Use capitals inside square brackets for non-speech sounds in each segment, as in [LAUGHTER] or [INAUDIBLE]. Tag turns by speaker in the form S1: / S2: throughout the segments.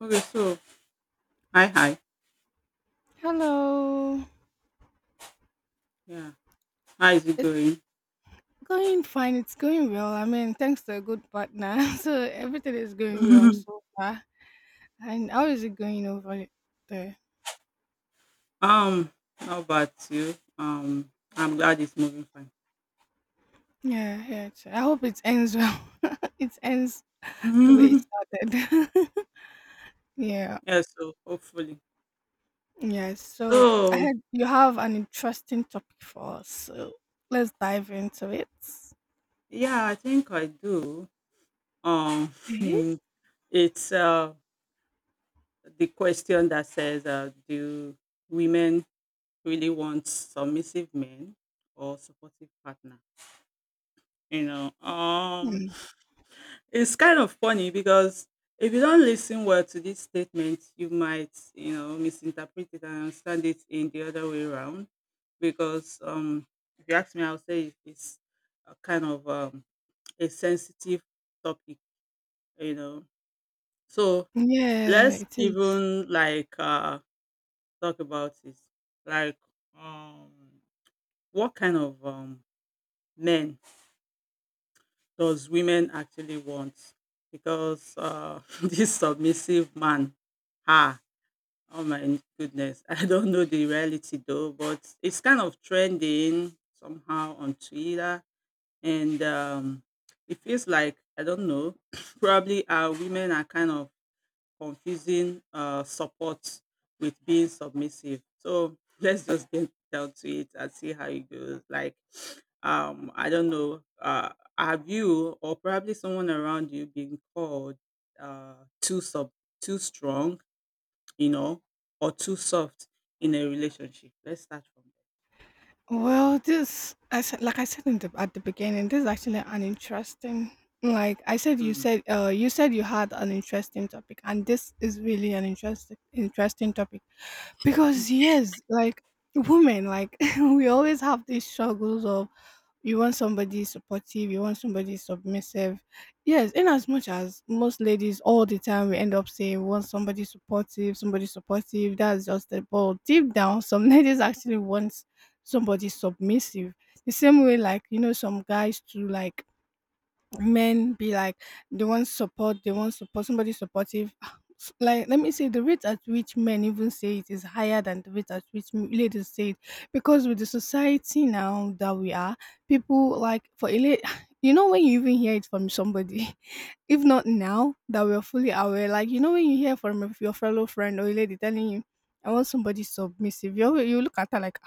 S1: Okay, so hi, hi.
S2: Hello.
S1: Yeah, how is it
S2: It's
S1: going?
S2: going fine. It's going well. I mean, thanks to a good partner. [LAUGHS] So everything is going well so
S1: [LAUGHS]
S2: far. And how is it going over there?
S1: um, Not bad too. I'm glad it's moving fine.
S2: Yeah, yeah. I hope it ends well. [LAUGHS] It ends the way it
S1: [LAUGHS]
S2: started. [LAUGHS] Yeah.
S1: Yeah, so hopefully.
S2: Yeah. So I
S1: So
S2: had you have an interesting topic for us. So let's dive into it.
S1: yeah, I think I do. Um,
S2: Okay.
S1: [LAUGHS] it's the question that says, do women really want submissive men or supportive partner? You know, um,
S2: Hmm.
S1: It's kind of funny because if you don't listen well to this statement, you might, misinterpret it and understand it in the other way around. Because if you ask me, I'll say it's a kind of a sensitive topic, you know. So
S2: Yeah,
S1: let's
S2: it is.
S1: even like talk about it. Like, um, what kind of men does women actually want? Because [LAUGHS] this submissive man, ah, Oh my goodness. [LAUGHS] I don't know the reality though, but it's kind of trending somehow on Twitter. And it feels like, I don't know, [CLEARS THROAT] probably our women are kind of confusing support with being submissive. So [LAUGHS] let's just get down to it and see how it goes. Like, [SNIFFS] I don't know, have you or probably someone around you been called uh, too sub too strong, you know, or too soft in a relationship? Let's start from
S2: Well, this I said, like I said in at the beginning, this is actually an interesting. Like I said,
S1: there.
S2: you
S1: Mm.
S2: said you said you had an interesting topic, and this is really an interesting topic
S1: Mm.
S2: because yes, like women, like [LAUGHS] we always have these struggles of you want somebody supportive, you want somebody submissive. Yes, in as much as most ladies all the time we end up saying we want somebody supportive, that's just the ball. Deep down, some [LAUGHS] ladies actually want somebody submissive. The same way like, you know, some guys to like men be like they want support, somebody supportive. [SIGHS] Like let me say the rate at which men even say it is higher than the rate at which ladies say it because with the society now that we are, people like for a lady, [SIGHS] you know when you even hear it from somebody, [LAUGHS] if not now that we're fully aware, like you know when you hear from your fellow friend or a lady telling you, I want somebody submissive, you look at her like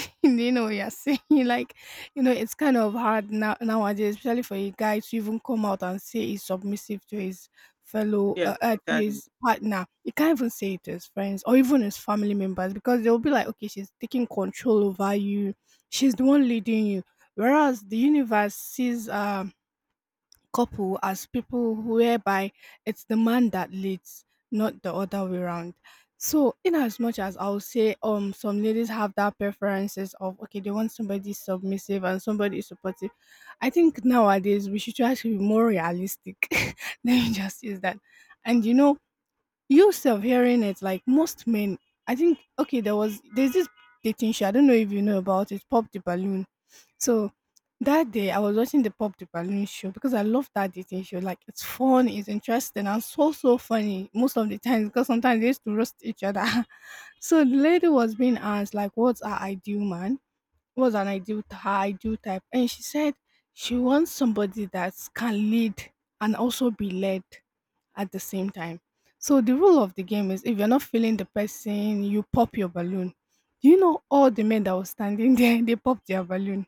S2: [LAUGHS] you know you're saying like you know it's kind of hard now nowadays especially for a guy to even come out and say he's submissive to his fellow
S1: Yes,
S2: to
S1: exactly.
S2: his partner. He can't even say it to his friends or even his family members because they'll be like, okay, she's taking control over you, she's the one leading you, whereas the universe sees couple as people whereby it's the man that leads, not the other way around. So, in as much as I'll say, some ladies have that preferences of okay, they want somebody submissive and somebody supportive. I think nowadays we should try to be more realistic. [LAUGHS] Let me just use that. And you know, you self hearing it, like most men, I think okay, there's this dating show. I don't know if you know about it. Pop the Balloon. So that day I was watching the Pop the Balloon show because I love that dating show. Like it's fun, it's interesting, and so funny most of the time because sometimes they used to roast each other. [LAUGHS] So the lady was being asked like, what's her ideal man? What's an ideal, her ideal type? And she said she wants somebody that can lead and also be led at the same time. So the rule of the game is if you're not feeling the person, you pop your balloon. Do you know all the men that were standing [LAUGHS] there, they popped their balloon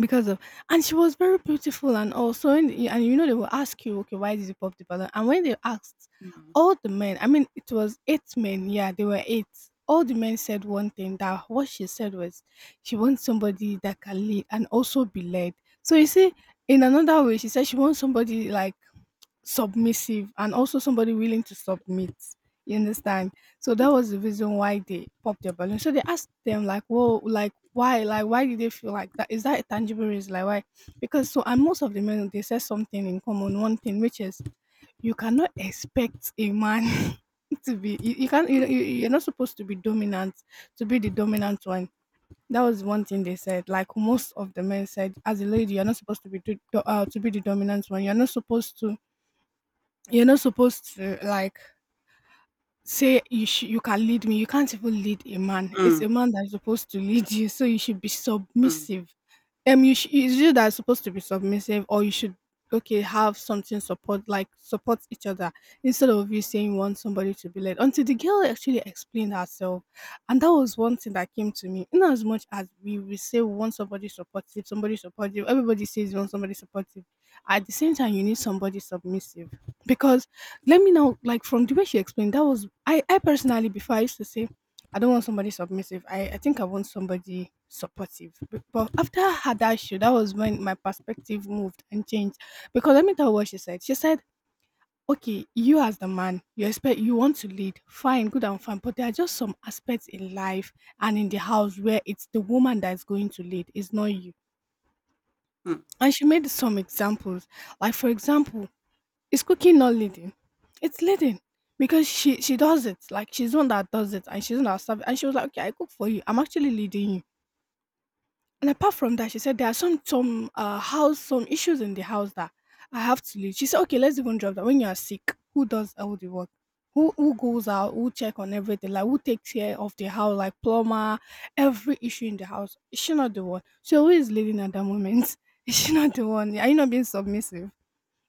S2: because of, and she was very beautiful. And also, and, you know, they will ask you, okay, why did you pop the balloon? And when they asked
S1: Mm.
S2: all the men, I mean, it was eight men, yeah, they were eight, all the men said one thing that what she said was she wants somebody that can lead and also be led. So you see, in another way she said she wants somebody like submissive and also somebody willing to submit. You understand? So that was
S1: Mm.
S2: the reason why they popped their balloon. So they asked them like, "Whoa, like why? Like why did they feel like that? Is that a tangible reason? Like why?" Because so, and most of the men they said something in common, one thing, which is you cannot expect a man [LAUGHS] to be, you can't, you, you
S1: Mm.
S2: you're not supposed to be dominant, to be the dominant one. That was one thing they said. Like most of the men said, as a lady, you're not supposed to be to be the dominant one. You're not supposed to, you're not supposed to like say you can lead me. You can't even lead a man. It's
S1: Mm.
S2: a man that's supposed to lead you, so you should be
S1: Mm.
S2: submissive. It's you that's supposed to be submissive, or you should, okay, have something support, like support each other instead of you saying you want somebody to be led. Until the girl actually explained herself, and that was one thing that came to me. In as much as we say we want somebody supportive, everybody says you want somebody supportive. At the same time, you need somebody submissive because let me now, like from the way she explained, that was I. I personally, before I used to say, I don't want somebody submissive. I think I want somebody supportive. But after I had that issue, that was when my perspective moved and changed. Because let me tell you what she said. She said, "Okay, you as the man, you expect, you want to lead. Fine, good and fine. But there are just some aspects in life and in the house where it's the woman that's going to lead. It's not you."
S1: Mm.
S2: And she made some examples. Like for example, is cooking not leading? It's leading because she does it. Like she's the one that does it, and she's the one that serve. And she was like, "Okay, I cook for you. I'm actually leading you." And
S1: Mm.
S2: apart from that, she said there are some house, some issues in the house that I have to lead. She said, "Okay, let's even drop that. When you are sick, who does all the work? Who goes out? Who check on everything? Like who takes care of the house? Like plumber, every issue in the house. Is she not the one? So who is leading at that moment? [LAUGHS] Is she not the one? Are you not being submissive?"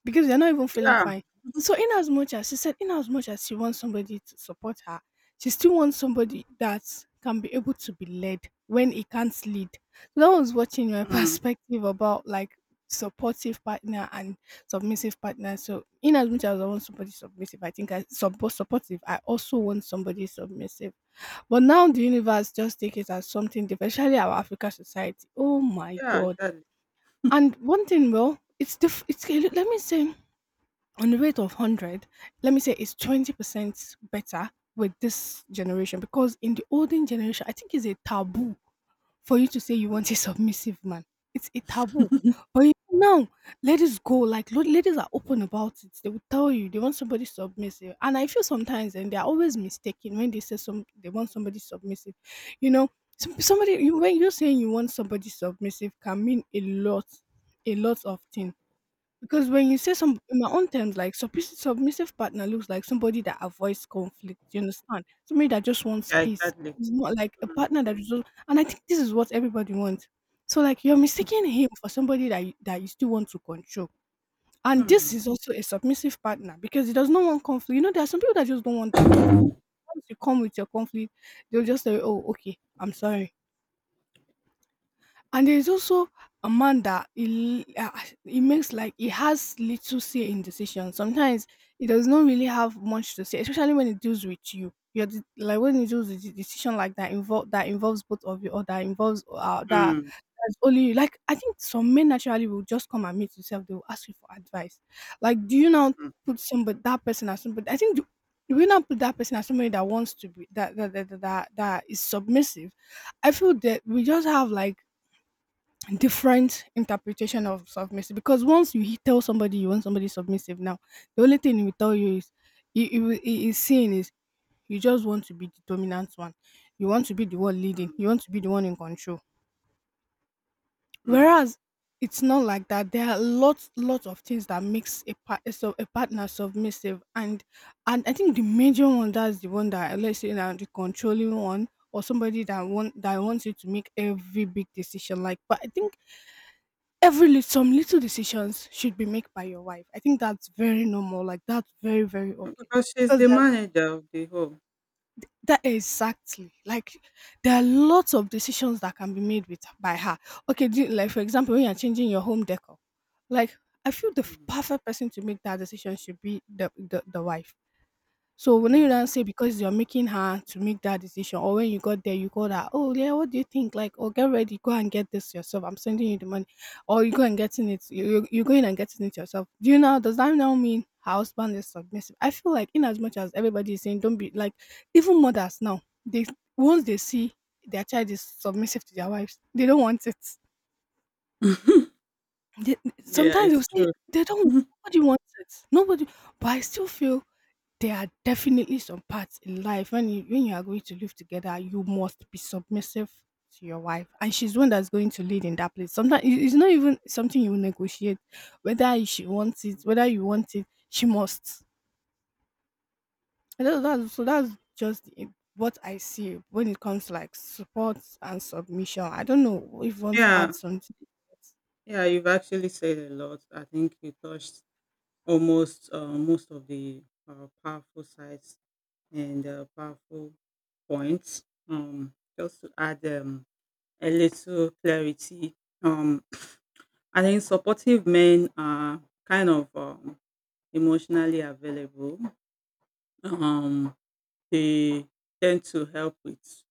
S2: Because they're not even feeling
S1: Yeah.
S2: fine. So, in as much as she said, in as much as she wants somebody to support her, she still wants somebody that can be able to be led when it can't lead. So that was watching my [LAUGHS]
S1: Mm.
S2: perspective about like supportive partner and submissive partner. So, in as much as I want somebody submissive, I think I supportive. I also want somebody submissive. But now the universe just take it as something different, especially our African society. Oh my
S1: Yeah,
S2: god!
S1: exactly.
S2: And one thing, well, it's, let me say, on the rate of 100, let me say it's 20% better with this generation because in the olden generation I think it's a taboo for you to say you want a
S1: Mm.
S2: submissive man. It's a taboo. But you, now ladies go like ladies are open about it. They will tell you they want somebody submissive, and I feel sometimes, and they're always mistaken when they say some, they want somebody submissive, you know, some, somebody you, when you're saying you want somebody submissive can mean a lot, a lot of things because when you say some in my own terms, like submissive, submissive partner looks like somebody that avoids conflict. You understand? Somebody that just wants
S1: Yeah,
S2: peace.
S1: exactly.
S2: It's not like a
S1: Mm.
S2: partner that just. And I think this is what everybody wants. So like you're mistaking him for somebody that you still want to control. And this
S1: Mm.
S2: is also a submissive partner because he does not want conflict. You know, there are some people that just don't want that conflict. Once you come with your conflict, they'll just say, "Oh, okay, I'm sorry." And there's also a man that he makes, like he has little say in decisions. Sometimes he does not really have much to say, especially when it deals with you. Like when it deals with the decision like that involve, that involves both of you or that involves that
S1: Mm.
S2: that's only you. Like I think some men naturally will just come and meet yourself. They will ask you for advice. Like do you now
S1: Mm.
S2: put somebody, that person as somebody? I think. The, do we not put that person as somebody that wants to be that is submissive? I feel that we just have like different interpretation of submissive because once you tell somebody you want somebody submissive now the only thing he will tell you is he is saying is you just want to be the dominant one, you want to be the one leading,
S1: Mm.
S2: you want to be the one in control,
S1: Mm.
S2: whereas it's not like that. There are lots of things that makes a partner submissive, and I think the major one, that's the one, that let's say now, the controlling one, or somebody that wants you to make every big decision. Like, but I think every lit some little decisions should be made by your wife. I think that's very normal. Like, that's very okay
S1: Because she's
S2: because
S1: the
S2: that
S1: manager of the home.
S2: that exactly. Like, there are lots of decisions that can be made with by her. Okay, do, like for example, when you're changing your home decor, like I feel the
S1: Mm.
S2: perfect person to make that decision should be the wife. So when you don't
S1: Mm.
S2: say, because you're making her to make that decision, or when you got there, you called her, "Oh yeah, what do you think?" Like, "Oh, get ready, go and get this yourself. I'm sending you the money," or you go and getting it. You going and getting it yourself. Do you know? Does that now mean her husband is submissive? I feel like in as much as everybody is saying don't be like, even mothers now, they, once they see their child is submissive to their wives, they don't want it.
S1: [LAUGHS]
S2: They,
S1: Yeah,
S2: sometimes
S1: it's
S2: they'll say
S1: true.
S2: they don't. Nobody wants it. Nobody. But I still feel there are definitely some parts in life, when you are going to live together, you must be submissive to your wife, and she's the one that's going to lead in that place. Sometimes it's not even something you negotiate whether she wants it, whether you want it, she must. And that's just it- what I see when it comes to like support and submission. I don't know if you want to
S1: Yeah,
S2: add something.
S1: yeah, you've actually said a lot. I think you touched almost most of the powerful sides and powerful points. Just to add a little clarity, um, [SNIFFS] [CLEARS THROAT] I think supportive men are kind of emotionally available. Um, they tend to help with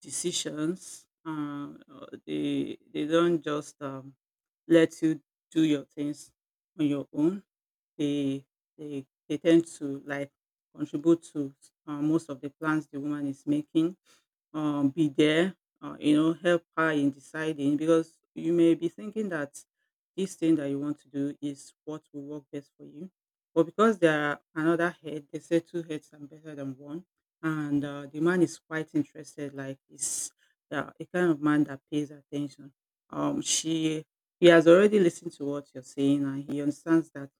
S1: decisions. They don't just let you do your things on your own. They they tend to like contribute to most of the plans the woman is making, be there, help her in deciding because you may be thinking that this thing that you want to do is what will work best for you. But because there are another head, they say two heads are better than one. And the man is quite interested, like he's a kind of man that pays attention. She He has already listened to what you're saying and he understands that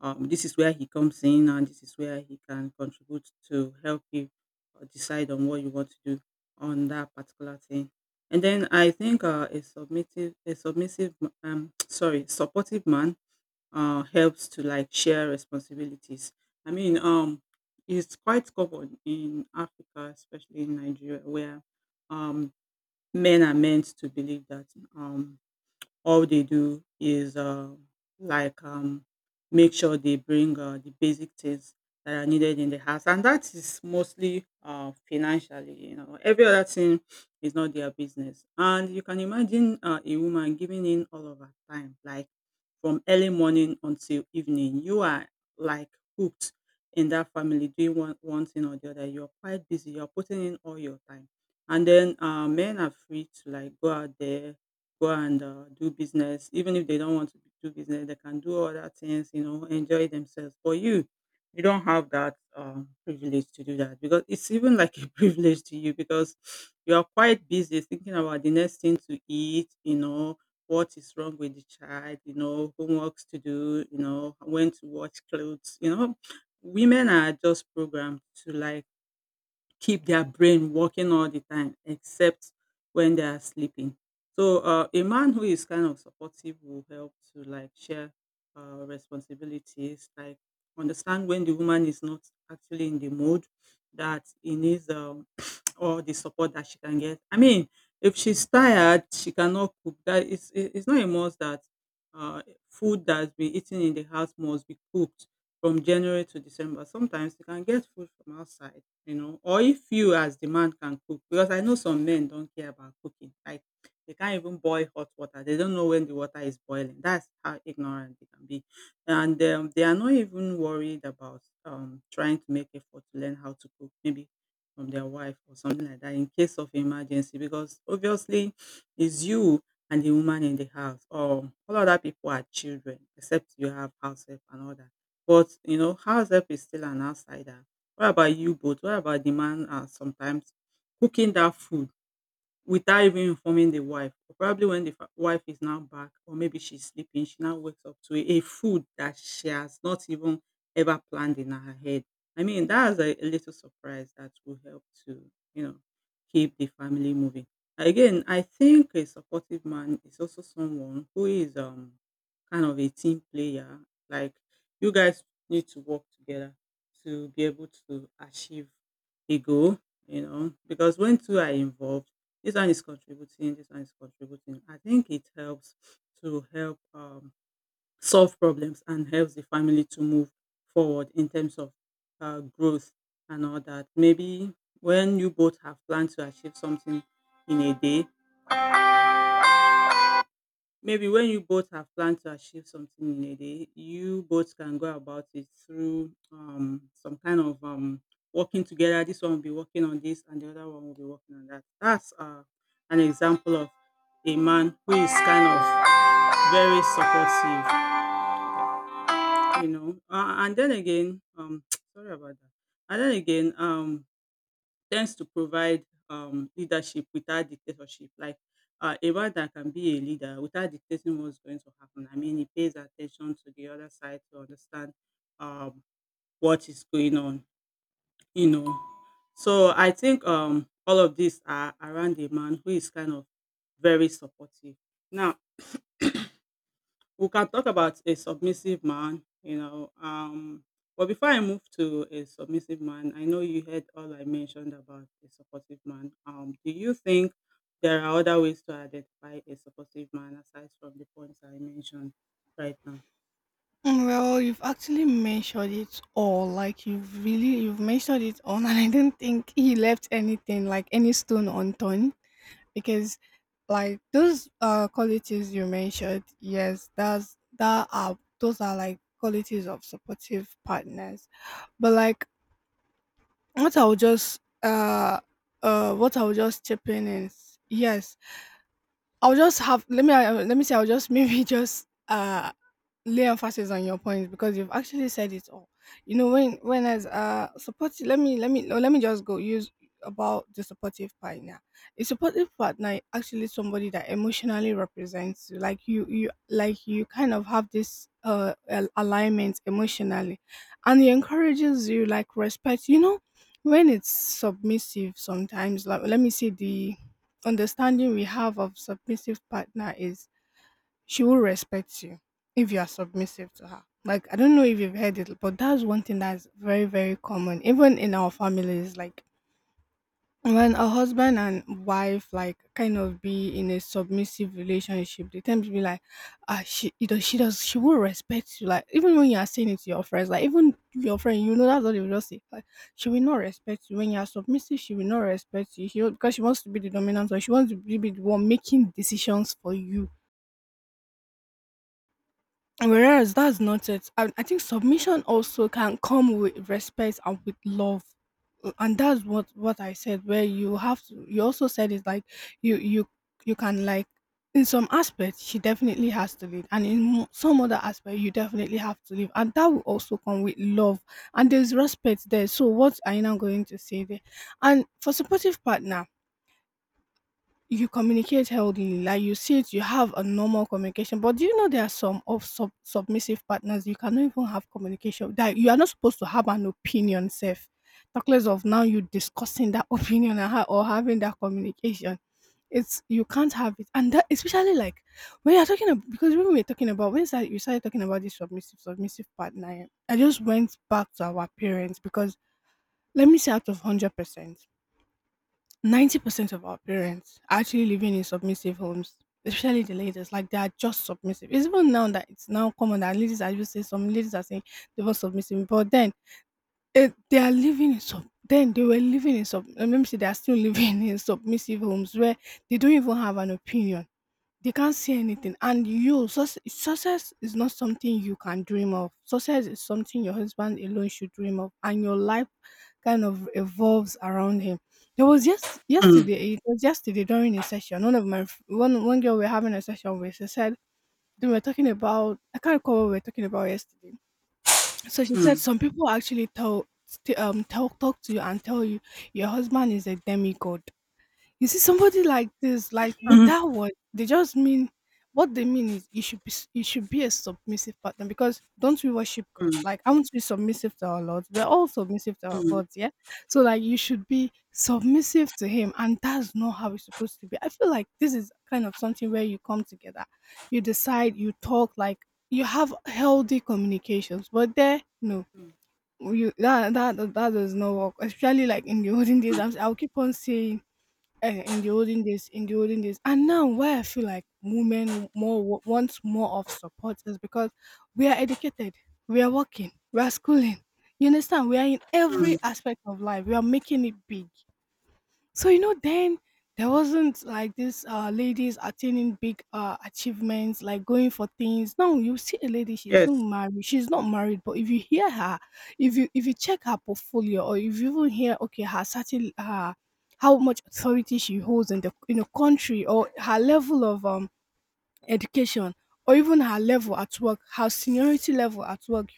S1: this is where he comes in and this is where he can contribute to help you decide on what you want to do on that particular thing. And then I think [TSK] sorry, supportive man helps to like share responsibilities. I mean, it's quite common in Africa, especially in Nigeria, where um, men are meant to believe that um, all they do is like make sure they bring the basic things that are needed in the house, and that is mostly financially. Every other thing is not their business, and you can imagine a woman giving in all of her time, like from early morning until evening. You are like hooked in that family doing one thing or the other. You're quite busy, you're putting in all your time. And then men are free to like go out there, go and do business. Even if they don't want to do business, they can do other things, enjoy themselves. But you don't have that privilege to do that, because it's even like a [LAUGHS] privilege to you, because you are quite busy thinking about the next thing to eat, what is wrong with the child, homeworks to do, when to watch clothes. Women are just programmed to like keep their brain working all the time except when they are sleeping. So a man who is kind of supportive will help to like share responsibilities, like understand when the woman is not actually in the mood, that he needs [SNIFFS] [CLEARS THROAT] all the support that she can get. I mean, if she's tired, she cannot cook. That is, it's not a must that uh, food that's been eaten in the house must be cooked from January to December. Sometimes you can get food from outside, or if you as the man can cook, because I know some men don't care about cooking. Like they can't even boil hot water. They don't know when the water is boiling. That's how ignorant they can be, and they are not even worried about trying to make effort to learn how to cook. Maybe from their wife or something like that in case of emergency, because obviously it's you and the woman in the house, or all other people are children, except you have house help and all that. But house help is still an outsider. What about you both? What about the man, sometimes cooking that food without even informing the wife? Or probably when the wife is now back, or maybe she's sleeping, she now wakes up to a food that she has not even ever planned in her head. I mean, that's a little surprise that will help to, you know, keep the family moving. Again, I think a supportive man is also someone who is kind of a team player. Like you guys need to work together to be able to achieve a goal, because when two are involved, this one is contributing, this one is contributing. I think it helps to help solve problems and helps the family to move forward in terms of growth and all that. Maybe when you both have planned to achieve something in a day, Maybe when you both have planned to achieve something in a day, you both can go about it through some kind of working together. This one will be working on this, and the other one will be working on that. That's an example of a man who is kind of very supportive, you know. Uh, and then again, um, [TSK] sorry about that. And then again, tends to provide leadership without dictatorship. Like a man that can be a leader without dictating what's going to happen. I mean, he pays attention to the other side to understand um, what is going on, you know. So I think all of these are around a man who is kind of very supportive. Now, we can talk about a submissive man. But before I move to a submissive man, I know you heard all I mentioned about a supportive man. Do you think there are other ways to identify a supportive man aside from the points I mentioned right now?
S2: Mm, well, you've actually mentioned it all. Like, you've mentioned it all, [LAUGHS] and I don't think he left anything, like any stone unturned, because, like, those qualities you mentioned, yes, that's that are those are like qualities of supportive partners. But like, what I'll just uh what I'll just chip in is, yes, I'll just have let me say, I'll just [LAUGHS] maybe just lay emphasis on your points because you've actually said it all. You know, when as supportive, let me no, let me just go use about the supportive partner. A supportive partner is actually somebody that emotionally represents you. Like, you like, you kind of have this alignment emotionally, and he encourages you, like respect. You know, when it's submissive, sometimes, like, let me see, the understanding we have of submissive partner is she will respect you if you are submissive to her. Like, I don't know if you've heard it, but that's one thing that's very common, even in our families. Like when a husband and wife like kind of be in a submissive relationship, they tend to be like, ah, she, you know, she will respect you. Like even when you are saying it to your friends, like, even your friend, you know, that's what they will just say. Like, she will not respect you when you are submissive. She will not respect you. She will, because she wants to be the dominant, or she wants to be the one making decisions for you. Whereas that's not it. And I think submission also can come with respect and with love. And that's what I said. Where you have to, you also said is like, you you you can like, in some aspects she definitely has to lead, and in some other aspect you definitely have to leave, and that will also come with love, and there's respect there. So what are you now going to say there? And for supportive partner, you communicate healthily, like you said, you have a normal communication. But do you know there are some of submissive partners you cannot even have communication, that you are not supposed to have an opinion, self. Talk less of now you discussing that [LAUGHS] opinion and or having that communication. It's, you can't have it, and that especially like when you're talking about, because when we were talking about, when started, you started talking about this submissive partner, yeah, I just went back to our parents because, let me say, out of 100%, 90% of our parents are actually living in submissive homes, especially the ladies. Like, they are just submissive. It's even now that it's now common that ladies are just saying, some ladies are saying they were submissive, but then, they are living in sub. Then they were living in sub. Let me say they are still living [LAUGHS] in submissive homes where they don't even have an opinion, they can't see anything. And you, success is not something you can dream of. Success is something your husband alone should dream of, and your life kind of evolves around him. There was just
S1: Mm.
S2: yesterday. It was yesterday during a session. One of my f- one one girl we are having a session with. She said, they were talking about, I can't recall what we were talking about yesterday. So she said
S1: Mm.
S2: some people actually tell, talk to you and tell you your husband is a demigod. You see somebody like this, like with
S1: Mm.
S2: that word, they just mean, what they mean is you should you should be a submissive partner, because don't we worship God?
S1: Mm.
S2: Like, aren't we submissive to our Lord? We're all submissive to our
S1: Mm.
S2: gods, yeah. So like, you should be submissive to him, and that's not how it's supposed to be. I feel like this is kind of something where you come together, you decide, you talk, like, you have healthy communications. But there, no,
S1: Mm.
S2: you, that does not work, especially like in the [LAUGHS] olden days. I'll keep on saying, in the olden days, And now, why I feel like women more want more of support is because we are educated, we are working, we are schooling. You understand? We are in every
S1: Mm.
S2: aspect of life. We are making it big. So you know, then there wasn't like this ladies attaining big achievements, like going for things. Now you see a lady,
S1: Yes,
S2: she's not married. But if you hear her, if you check her portfolio, or if you even hear, okay, her certain how much authority she holds in the country, or her level of education, or even her level at work, her seniority level at work,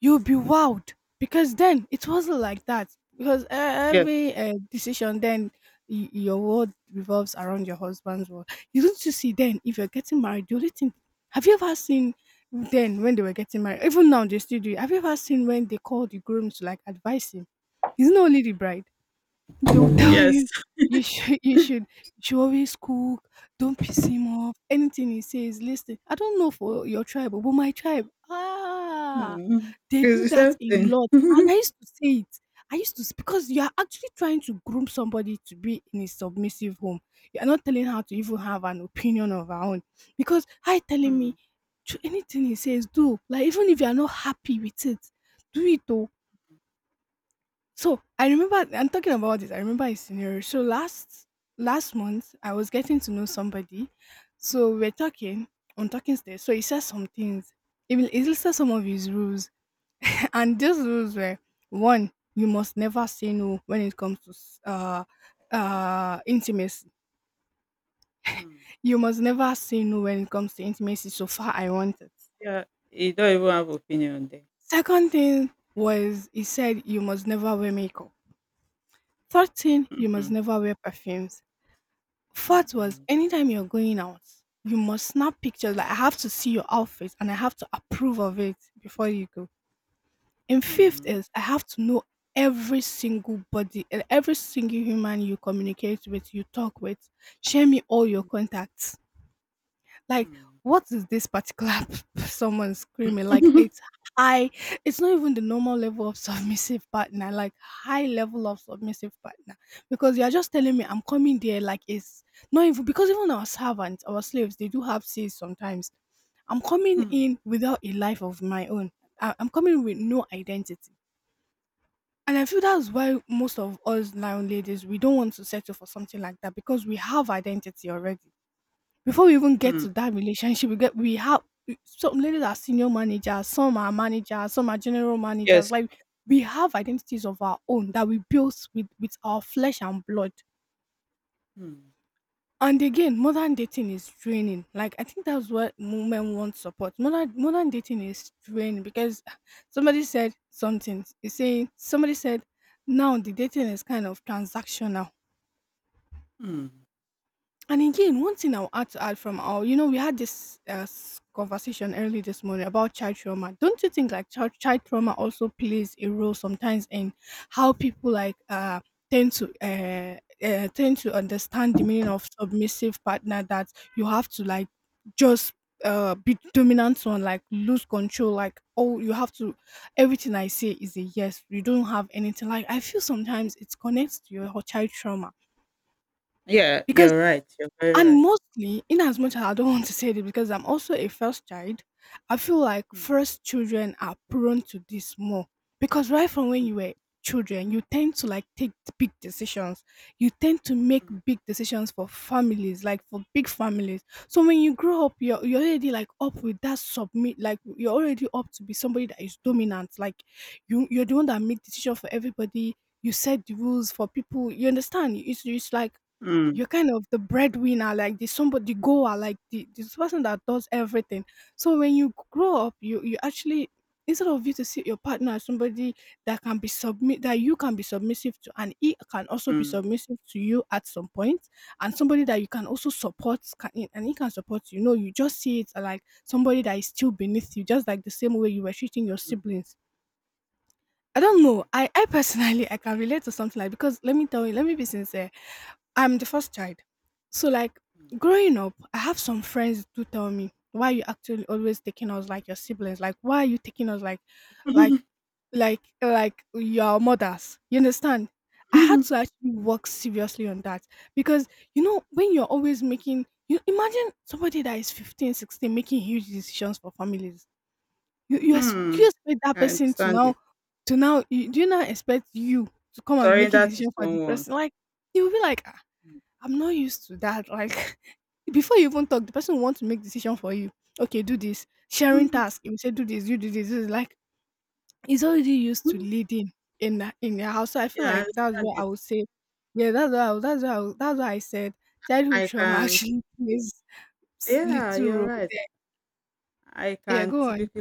S2: you'll be wowed, because then it wasn't like that, because
S1: yes,
S2: every decision then, your world revolves around your husband's world. You don't, you see, then if you're getting married, the only thing, have you ever seen, then when they were getting married, even now they still do it, have you ever seen when they call the groom to like advise him, it's not only the bride. They'll tell
S1: yes.
S2: you, you should always cook. Don't piss him off. Anything he says, listen. I don't know for your tribe, but my tribe, ah,
S1: Mm.
S2: they
S1: It's
S2: do
S1: the
S2: that
S1: same
S2: a
S1: thing.
S2: lot. And I used to say it. I used because you are actually trying to groom somebody to be in a submissive home. You are not telling her to even have an opinion of her own. Because I, telling me,
S1: Mm.
S2: "Ch- anything he says, do. Like even if you are not happy with it, do it." So I remember, I'm talking about this. I remember a scenario. So last month I was getting to know somebody. So we're talking, on talking stage. So he said some things. Even he listed some of his rules, [LAUGHS] and those rules were: one, you must never say no when it comes to intimacy.
S1: Mm.
S2: You must never say no when it comes to intimacy. So far, I wanted.
S1: Yeah, you don't even have opinion there.
S2: Second thing was, he said you must never wear makeup. Third thing, you must
S1: Mm-mm.
S2: never wear perfumes. Fourth was,
S1: Mm-mm.
S2: anytime you're going out, you must snap pictures. Like, I have to see your outfit and I have to approve of it before you go. And fifth
S1: Mm.
S2: is, I have to know every single body and every single human you communicate with, you talk with. Share me all your contacts. Like,
S1: Mm.
S2: what is this particular [LAUGHS] someone screaming? Like, it's high. It's not even the normal level of submissive partner. Like, high level of submissive partner. Because you are just telling me, I'm coming there. Like, it's not, even because even our servants, our slaves, they do have says sometimes. I'm coming
S1: Mm.
S2: in without a life of my own. I'm coming with no identity. And I feel that's why most of us now ladies, we don't want to settle for something like that because we have identity already. Before we even get
S1: Mm.
S2: to
S1: [LAUGHS]
S2: that relationship, we have some ladies are senior managers, some are general managers.
S1: Yes.
S2: Like we have identities of our own that we built with our flesh and blood.
S1: Mm.
S2: And again, modern dating is draining. Like I think that's what women want support. Modern dating is draining because somebody said something. It's saying somebody said now the dating is kind of transactional.
S1: Mm.
S2: And again, one thing I will add from our, you know, we had this conversation early this morning about child trauma. Don't you think like child trauma also plays a role sometimes in how people tend to tend to understand the meaning of submissive partner? That you have to like just be dominant on, like, lose control, like, oh, you have to, everything I say is a yes, you don't have anything. Like I feel sometimes it connects to your child trauma
S1: Yeah,
S2: because.
S1: you're right. You're very
S2: And
S1: right.
S2: mostly, in as much as I don't [LAUGHS] want to say this because I'm also a first child, I feel like
S1: Mm.
S2: first children are prone to this more. Because right from when you were children, you tend to like take big decisions. You tend to make
S1: Mm.
S2: big decisions for families, like for big families. So when you grow up, you're already like up with that submit, like you're already up to be somebody that is dominant. Like you're the one that make decision for everybody. You set the rules for people. You understand? It's like
S1: Mm.
S2: you're kind of the breadwinner, like the somebody the goer, like the this person that does everything. So when you grow up, you actually, instead of you to see your partner as somebody that can be submit, that you can be submissive to and he can also be
S1: Mm.
S2: submissive to you at some point, and somebody that you can also support, and he can support you. No, you just see it like somebody that is still beneath you, just like the same way you were treating your
S1: Mm.
S2: siblings. I don't know.
S1: Mm.
S2: I personally I can relate to something like, because let me tell you, let me be sincere. I'm the first child. So like growing up, I have some friends do tell me, why are you actually always taking us like your siblings? Like why are you taking us like like
S1: Mm.
S2: like your mothers? You understand? I had to actually work seriously on that because you know when you're always making, you imagine somebody that is 15, 16 making huge decisions for families. Do
S1: Mm.
S2: you expect
S1: [LAUGHS]
S2: that
S1: I
S2: person to
S1: understand it.
S2: do you not expect you to come and be making
S1: Surrender to
S2: decisions for the
S1: someone.
S2: person? Like you'll be like, I'm not used to that. Like [LAUGHS] before you even talk, the person will want to make decision for you. Okay, do this. Sharing
S1: Mm. [LAUGHS]
S2: task. If you say do this, you do this. It's like he's already used to leading in your house. So I
S1: Yeah,
S2: feel
S1: I
S2: like that's
S1: understand
S2: what I
S1: it.
S2: would say. Yeah, that's what I said. Childhood
S1: I
S2: trauma [LAUGHS]
S1: can,
S2: actually plays
S1: yeah,
S2: little
S1: you're
S2: role
S1: right.
S2: there.
S1: I
S2: Yeah,
S1: can
S2: go on.
S1: typically